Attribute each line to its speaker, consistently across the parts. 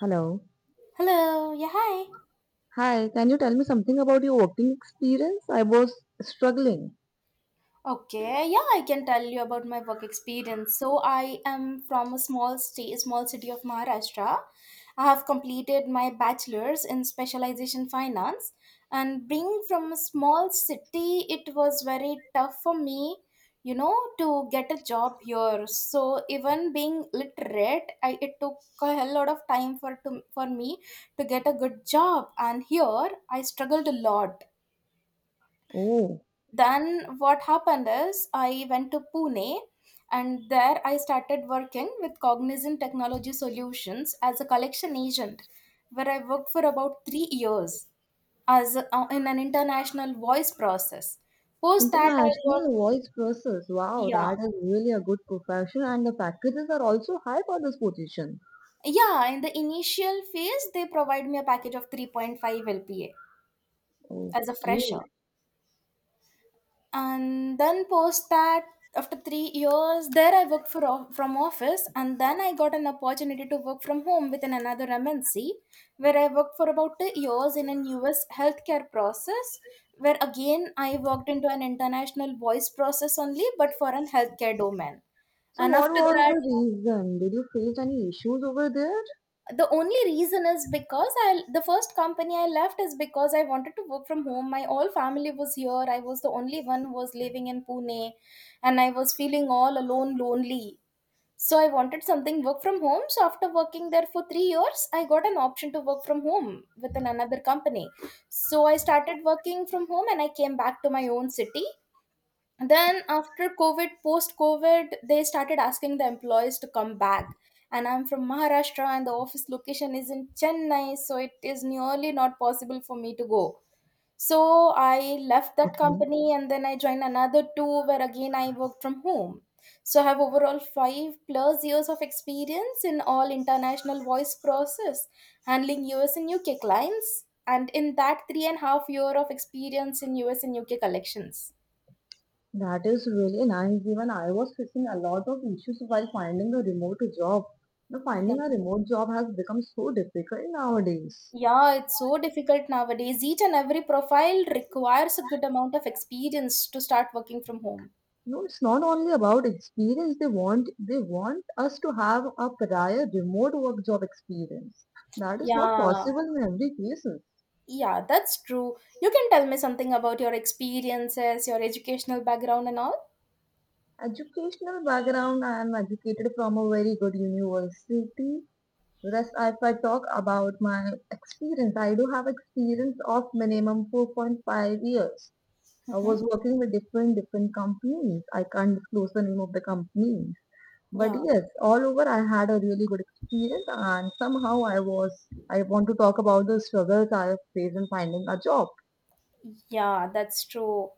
Speaker 1: Hello.
Speaker 2: Hello, yeah, hi.
Speaker 1: Hi, can you tell me something about your working experience? I was struggling.
Speaker 2: Okay, yeah, I can tell you about my work experience. So I am from a small state, small city of Maharashtra. I have completed my bachelor's in specialization finance, and being from a small city, it was very tough for me, to get a job here. So even being literate, it took a hell lot of time for me to get a good job, and here I struggled a lot.
Speaker 1: Oh,
Speaker 2: Then what happened is I went to Pune, and there I started working with Cognizant Technology Solutions as a collection agent where I worked for about 3 years as a, in an international voice process. Post that I
Speaker 1: international
Speaker 2: worked.
Speaker 1: voice process. Wow,
Speaker 2: Yeah,
Speaker 1: that is really a good profession, and the packages are also high for this position.
Speaker 2: yeah, in the initial phase they provide me a package of 3.5 lpa as a fresher.
Speaker 1: Okay.
Speaker 2: And then post that, after 3 years there I worked from office, and then I got an opportunity to work from home within another MNC where I worked for about 2 years in an US healthcare process, where again I worked into an international voice process only, but for an healthcare domain.
Speaker 1: So,
Speaker 2: And
Speaker 1: what
Speaker 2: after
Speaker 1: was
Speaker 2: that,
Speaker 1: the reason? Did you face any issues over there?
Speaker 2: the only reason is because I the first company I left is because I wanted to work from home. My all family was here, I was the only one who was living in Pune, and I was feeling all alone lonely. So I wanted something work from home. So after working there for 3 years, I got an option to work from home with an another company. So I started working from home, and I came back to my own city. Then after COVID, post COVID, they started asking the employees to come back, and I'm from Maharashtra and the office location is in Chennai, so it is nearly not possible for me to go. So I left that
Speaker 1: Okay.
Speaker 2: company, and then I joined another two where again I worked from home. So I have overall 5 plus years of experience in all international voice process, handling US and UK clients, and in that 3.5 year of experience in US and UK collections.
Speaker 1: That is really nice. Even I was facing a lot of issues while finding a remote job. Now,
Speaker 2: Yeah.
Speaker 1: finding a remote job has become so difficult nowadays.
Speaker 2: Yeah, it's so difficult nowadays. Each and every profile requires a good amount of experience to start working from home.
Speaker 1: No, it's not only about experience. They want us to have a prior remote work job experience. That is not
Speaker 2: Yeah,
Speaker 1: possible in every case.
Speaker 2: yeah, that's true. You can tell me something about your experiences, your educational background, and all.
Speaker 1: Educational background, I am educated from a very good university. Whereas if I talk about my experience, I do have experience of minimum 4.5 years. I
Speaker 2: Mm-hmm.
Speaker 1: was working with different different companies. I can't disclose the name of the company. But
Speaker 2: Yeah,
Speaker 1: yes, all over I had a really good experience and somehow I want to talk about the struggles I have faced in finding a job.
Speaker 2: yeah, that's true.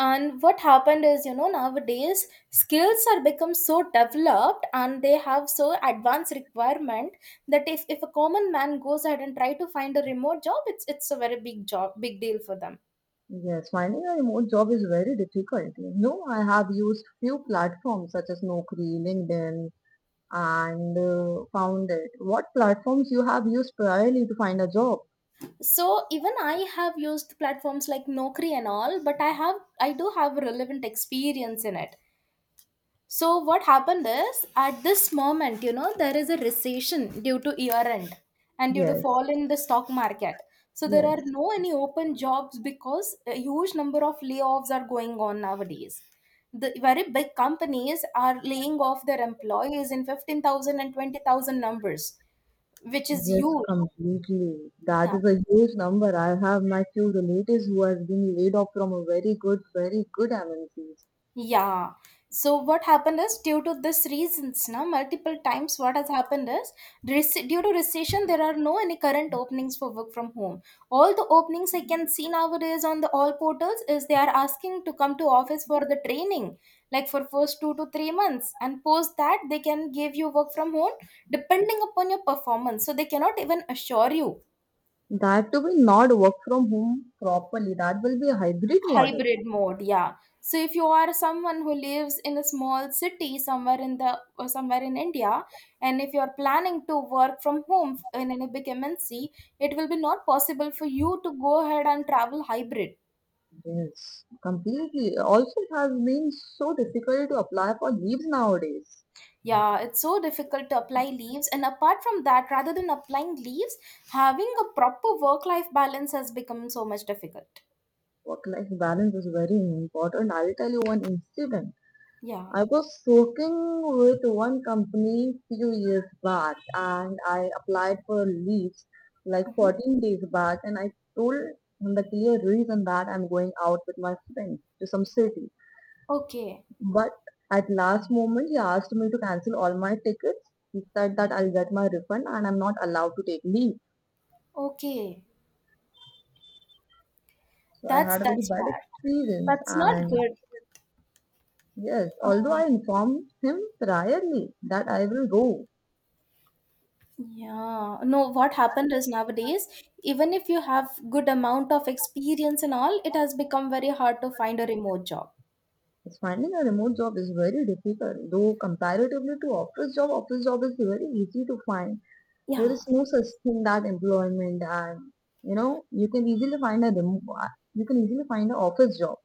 Speaker 2: And what happened is, nowadays skills are become so developed and they have so advanced requirement that if a common man goes ahead and try to find a remote job, it's a very big job, big deal for them.
Speaker 1: Yes, finding a remote job is very difficult. You know, I have used few platforms such as Naukri, LinkedIn and found it. What platforms you have used priorly to find a job?
Speaker 2: So even I have used platforms like Nokri and all, but I do have relevant experience in it. So what happened is, at this moment, there is a recession due to year end, and due to
Speaker 1: Yes,
Speaker 2: fall in the stock market. So there
Speaker 1: yes,
Speaker 2: are no any open jobs because a huge number of layoffs are going on nowadays. The very big companies are laying off their employees in 15000 and 20000 numbers, which is
Speaker 1: yes,
Speaker 2: huge.
Speaker 1: completely. That
Speaker 2: Yeah,
Speaker 1: is a huge number. I have my few relatives who has been laid off from a very good, very good MNCs.
Speaker 2: yeah. So what happened is due to this reasons, now multiple times what has happened is, due to recession there are no any current openings for work from home. All the openings I can see nowadays on the all portals is they are asking to come to office for the training, like for first 2 to 3 months, and post that they can give you work from home depending upon your performance. So they cannot even assure you.
Speaker 1: That will not work from home properly. That will be a hybrid model.
Speaker 2: Hybrid mode, yeah. So if you are someone who lives in a small city somewhere in the or somewhere in India, and if you are planning to work from home in any big MNC, it will be not possible for you to go ahead and travel hybrid.
Speaker 1: Yes. Completely. Also, it has been so difficult to apply for leaves nowadays.
Speaker 2: Yeah, it's so difficult to apply leaves, and apart from that, rather than applying leaves, having a proper work life balance has become so much difficult.
Speaker 1: Work-life balance is very important. I'll tell you one incident.
Speaker 2: Yeah.
Speaker 1: I was working with one company few years back and I applied for leaves like
Speaker 2: Mhm.
Speaker 1: 14 days back and I told him the clear reason that I'm going out with my friends to some city.
Speaker 2: Okay.
Speaker 1: But at last moment, he asked me to cancel all my tickets. He said that I'll get my refund and I'm not allowed to take leave.
Speaker 2: Okay.
Speaker 1: So I
Speaker 2: that's
Speaker 1: had a very
Speaker 2: that's
Speaker 1: bad
Speaker 2: bad.
Speaker 1: experience.
Speaker 2: That's not
Speaker 1: And
Speaker 2: good.
Speaker 1: yes, although I
Speaker 2: Ah.
Speaker 1: informed him priorly that I will go.
Speaker 2: Yeah. No, what happened is nowadays, even if you have good amount of experience and all, it has become very hard to find a remote job.
Speaker 1: Yes, finding a remote job is very difficult. Though comparatively to office job is very easy to find. There
Speaker 2: Yeah,
Speaker 1: is no
Speaker 2: it's
Speaker 1: such
Speaker 2: easy.
Speaker 1: thing that employment and you know you can easily find a remo- you can easily find an office job.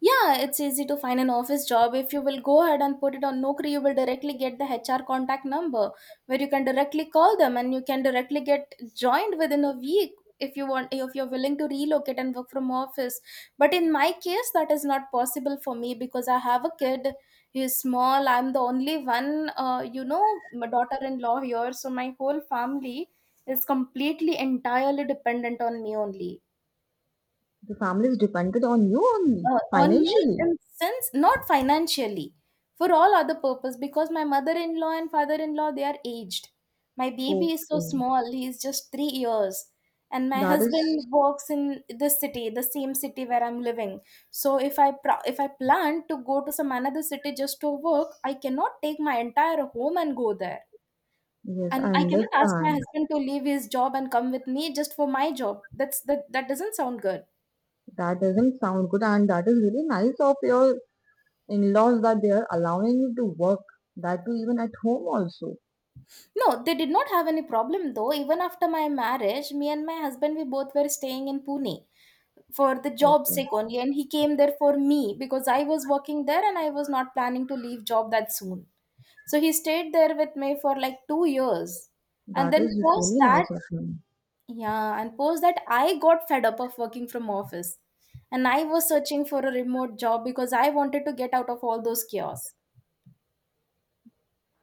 Speaker 2: Yeah, it's easy to find an office job. If you will go ahead and put it on Naukri, you will directly get the HR contact number where you can directly call them and you can directly get joined within a week, if you're willing to relocate and work from office. But in my case that is not possible for me because I have a kid. He's small. I'm the only one my daughter-in-law here, so my whole family is completely entirely dependent on me only.
Speaker 1: The family is dependent on you only
Speaker 2: On me in
Speaker 1: financially.
Speaker 2: sense not financially, for all other purpose because my mother-in-law and father-in-law they are aged. My baby is so
Speaker 1: Okay,
Speaker 2: small, he is just 3 years. And my
Speaker 1: that is
Speaker 2: husband works in this city, the same city where I'm living. So if I plan to go to some another city just to work, I cannot take my entire home and go there.
Speaker 1: yes,
Speaker 2: And
Speaker 1: I
Speaker 2: I cannot ask my
Speaker 1: understand.
Speaker 2: husband to leave his job and come with me just for my job. That doesn't sound good.
Speaker 1: That doesn't sound good, and that is really nice of your in-laws that they are allowing you to work that too even at home also.
Speaker 2: No, they did not have any problem though. Even after my marriage, me and my husband, we both were staying in Pune for the job
Speaker 1: Okay,
Speaker 2: sake only. And he came there for me because I was working there and I was not planning to leave job that soon. So he stayed there with me for like 2 years. And
Speaker 1: that is
Speaker 2: then post
Speaker 1: really
Speaker 2: that,
Speaker 1: nice of you.
Speaker 2: yeah, and post that, I got fed up of working from office. And I was searching for a remote job because I wanted to get out of all those chaos.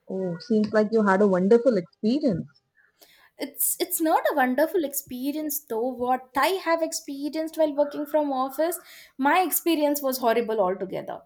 Speaker 1: Oh, seems like you had a wonderful experience.
Speaker 2: It's not a wonderful experience though. What I have experienced while working from office, my experience was horrible altogether.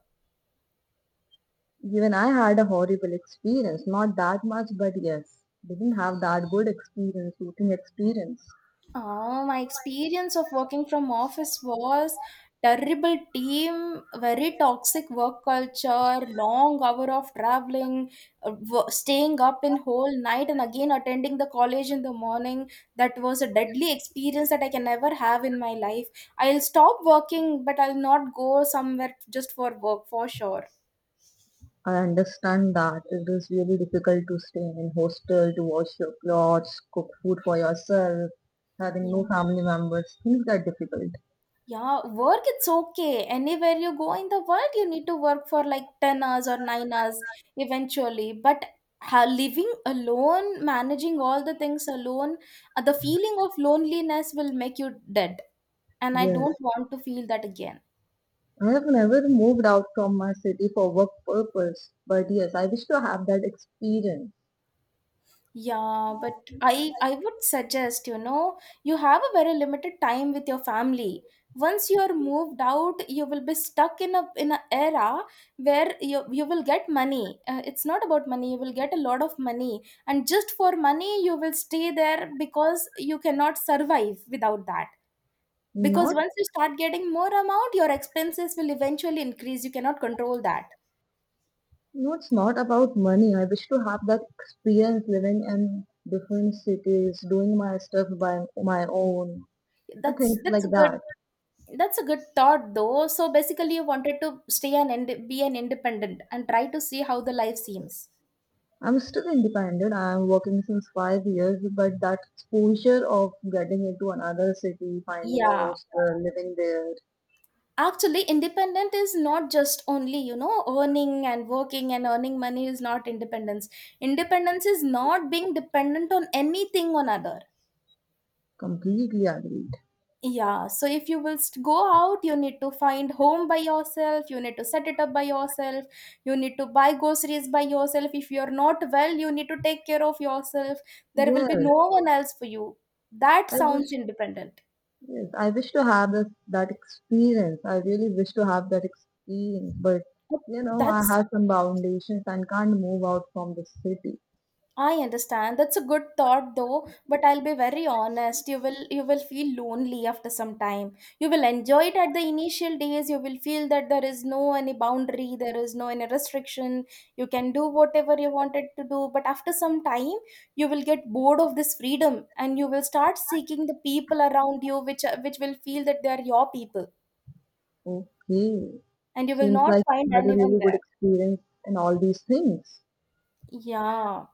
Speaker 1: Even I had a horrible experience, not that much, but yes, didn't have that good experience, shooting experience.
Speaker 2: Oh, my experience of working from office was terrible team, very toxic work culture, long hour of traveling, staying up in whole night and again attending the college in the morning. That was a deadly experience that I can never have in my life. I'll stop working, but I'll not go somewhere just for work for sure.
Speaker 1: I understand that it is really difficult to stay in hostel, to wash your clothes, cook food for yourself, having
Speaker 2: Yeah.
Speaker 1: no family members. Things are difficult.
Speaker 2: Yeah, work it's okay. Anywhere you go in the world, you need to work for like 10 hours or 9 hours eventually. But living alone, managing all the things alone, the feeling of loneliness will make you dead. And I
Speaker 1: Yes.
Speaker 2: don't want to feel that again.
Speaker 1: I have never moved out from my city for work purpose, but yes, I wish to have that experience.
Speaker 2: Yeah, but I would suggest, you have a very limited time with your family. Once you are moved out, you will be stuck in a era where you will get money. It's not about money, you will get a lot of money. And just for money, you will stay there because you cannot survive without that. Because
Speaker 1: Not,
Speaker 2: once you start getting more amount, your expenses will eventually increase. You cannot control that.
Speaker 1: No, it's not about money. I wish to have that experience living in different cities, doing my stuff by my own, and
Speaker 2: That's
Speaker 1: things
Speaker 2: that's
Speaker 1: like
Speaker 2: a good
Speaker 1: that.
Speaker 2: That's a good thought though. So basically you wanted to stay and be an independent and try to see how the life seems.
Speaker 1: I'm still independent. I'm working since 5 years, but that exposure of getting into another city, finding a
Speaker 2: Yeah.
Speaker 1: hostel, living there,
Speaker 2: Actually, independent is not just only, earning and working and earning money is not independence. Independence is not being dependent on anything on other.
Speaker 1: completely agreed.
Speaker 2: Yeah, so if you will go out, you need to find home by yourself, you need to set it up by yourself, you need to buy groceries by yourself. If you're not well, you need to take care of yourself. There will
Speaker 1: Yes,
Speaker 2: be no one else for you. That
Speaker 1: I
Speaker 2: sounds
Speaker 1: wish
Speaker 2: independent.
Speaker 1: Yes, I wish to have this, that experience. I really wish to have that experience, but I
Speaker 2: That's
Speaker 1: have some foundations and can't move out from the city.
Speaker 2: I understand. That's a good thought though, but I'll be very honest. You will feel lonely after some time. You will enjoy it at the initial days. You will feel that there is no any boundary, there is no any restriction. You can do whatever you wanted to do, but after some time, you will get bored of this freedom, and you will start seeking the people around you which will feel that they are your people,
Speaker 1: Okay,
Speaker 2: and you will
Speaker 1: seems
Speaker 2: not
Speaker 1: like
Speaker 2: find
Speaker 1: you had a
Speaker 2: anyone
Speaker 1: really good
Speaker 2: there.
Speaker 1: experience in all these things.
Speaker 2: Yeah.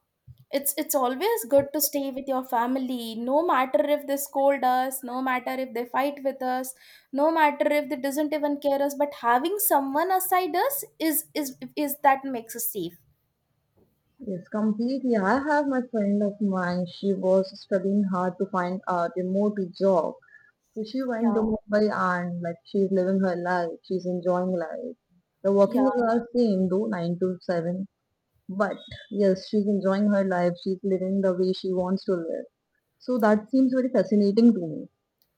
Speaker 2: It's always good to stay with your family, no matter if they scold us, no matter if they fight with us, no matter if they doesn't even care us, but having someone aside us is that makes us safe.
Speaker 1: Yes, completely. I have my friend of mine. She was studying hard to find a remote job. So she went
Speaker 2: Yeah.
Speaker 1: to Mumbai and like she's living her life. She's enjoying life. The
Speaker 2: Yeah.
Speaker 1: working hours are same though, 9 to 7. But yes, she's enjoying her life. She's living the way she wants to live. So that seems very fascinating to me.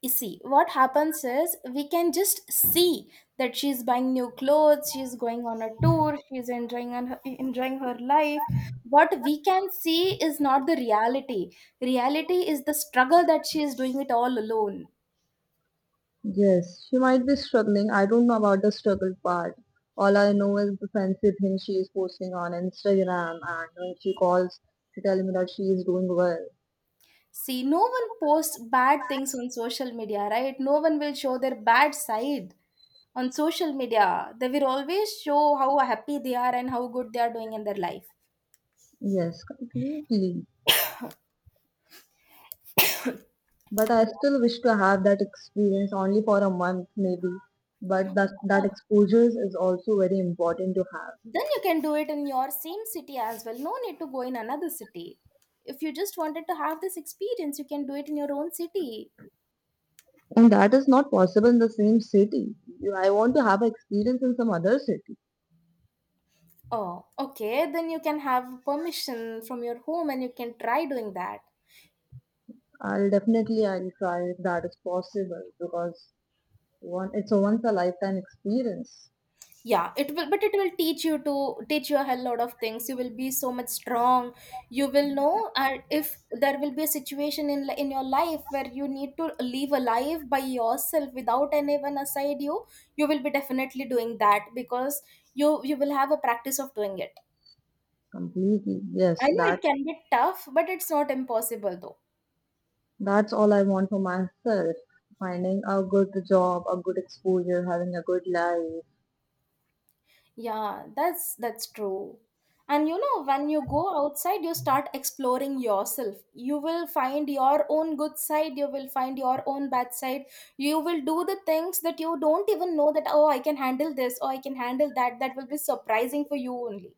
Speaker 2: You see, what happens is we can just see that she's buying new clothes, she's going on a tour, she's enjoying on her, enjoying her life. What we can see is not the reality. Reality is the struggle that she is doing it all alone.
Speaker 1: Yes, she might be struggling. I don't know about the struggle part. All I know is the fancy thing she is posting on Instagram, and when she calls, she tells me that she is doing well.
Speaker 2: See, no one posts bad things on social media, right? No one will show their bad side on social media. They will always show how happy they are and how good they are doing in their life.
Speaker 1: Yes, completely. But I still wish to have that experience only for a month, maybe. But that
Speaker 2: Oh,
Speaker 1: exposure is also very important to have.
Speaker 2: then you can do it in your same city as well. No need to go in another city. If you just wanted to have this experience, you can do it in your own city.
Speaker 1: And that is not possible in the same city. I want to have experience in some other city.
Speaker 2: Oh, okay. Then you can have permission from your home and you can try doing that.
Speaker 1: I'll try if that is possible because one it's a once a lifetime experience.
Speaker 2: Yeah, it will, but it will teach you a hell lot of things. You will be so much strong. You will know, and if there will be a situation in your life where you need to live a life by yourself without anyone aside you, you will be definitely doing that because you will have a practice of doing it.
Speaker 1: Completely.
Speaker 2: I
Speaker 1: Yes,
Speaker 2: know
Speaker 1: that
Speaker 2: it can be tough, but it's not impossible though.
Speaker 1: that's all I want for myself. Finding a good job, a good exposure, having a good life.
Speaker 2: Yeah, that's true. And when you go outside, you start exploring yourself. You will find your own good side, you will find your own bad side. You will do the things that you don't even know that oh, I can handle this or I can handle that. That will be surprising for you only.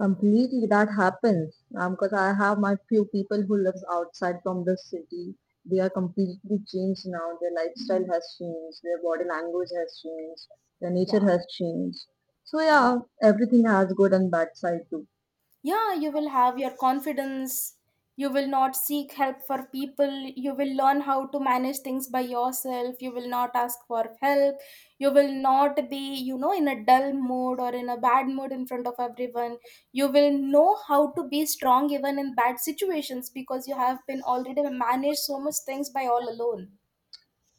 Speaker 1: Completely, that happens because I have my few people who lives outside from the city. They are completely changed now. Their lifestyle has changed. Their body language has changed. Their
Speaker 2: Yeah,
Speaker 1: nature has changed. So
Speaker 2: yeah.
Speaker 1: yeah, everything has good and bad side too.
Speaker 2: Yeah, you will have your confidence. You will not seek help for people. You will learn how to manage things by yourself. You will not ask for help. You will not be in a dull mood or in a bad mood in front of everyone. You will know how to be strong even in bad situations because you have been already managed so much things by all alone.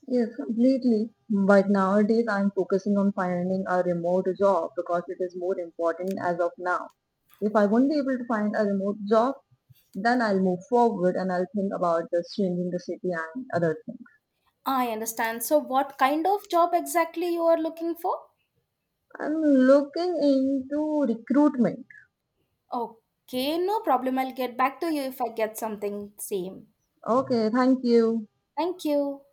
Speaker 1: Yes, completely. But nowadays, I'm focusing on finding a remote job because it is more important as of now. If I won't be able to find a remote job, then I'll move forward and I'll think about this changing the city and other things.
Speaker 2: I understand. So, what kind of job exactly you are looking for?
Speaker 1: I'm looking into recruitment.
Speaker 2: Okay, no problem. I'll get back to you if I get something same.
Speaker 1: Okay, thank you.
Speaker 2: Thank you.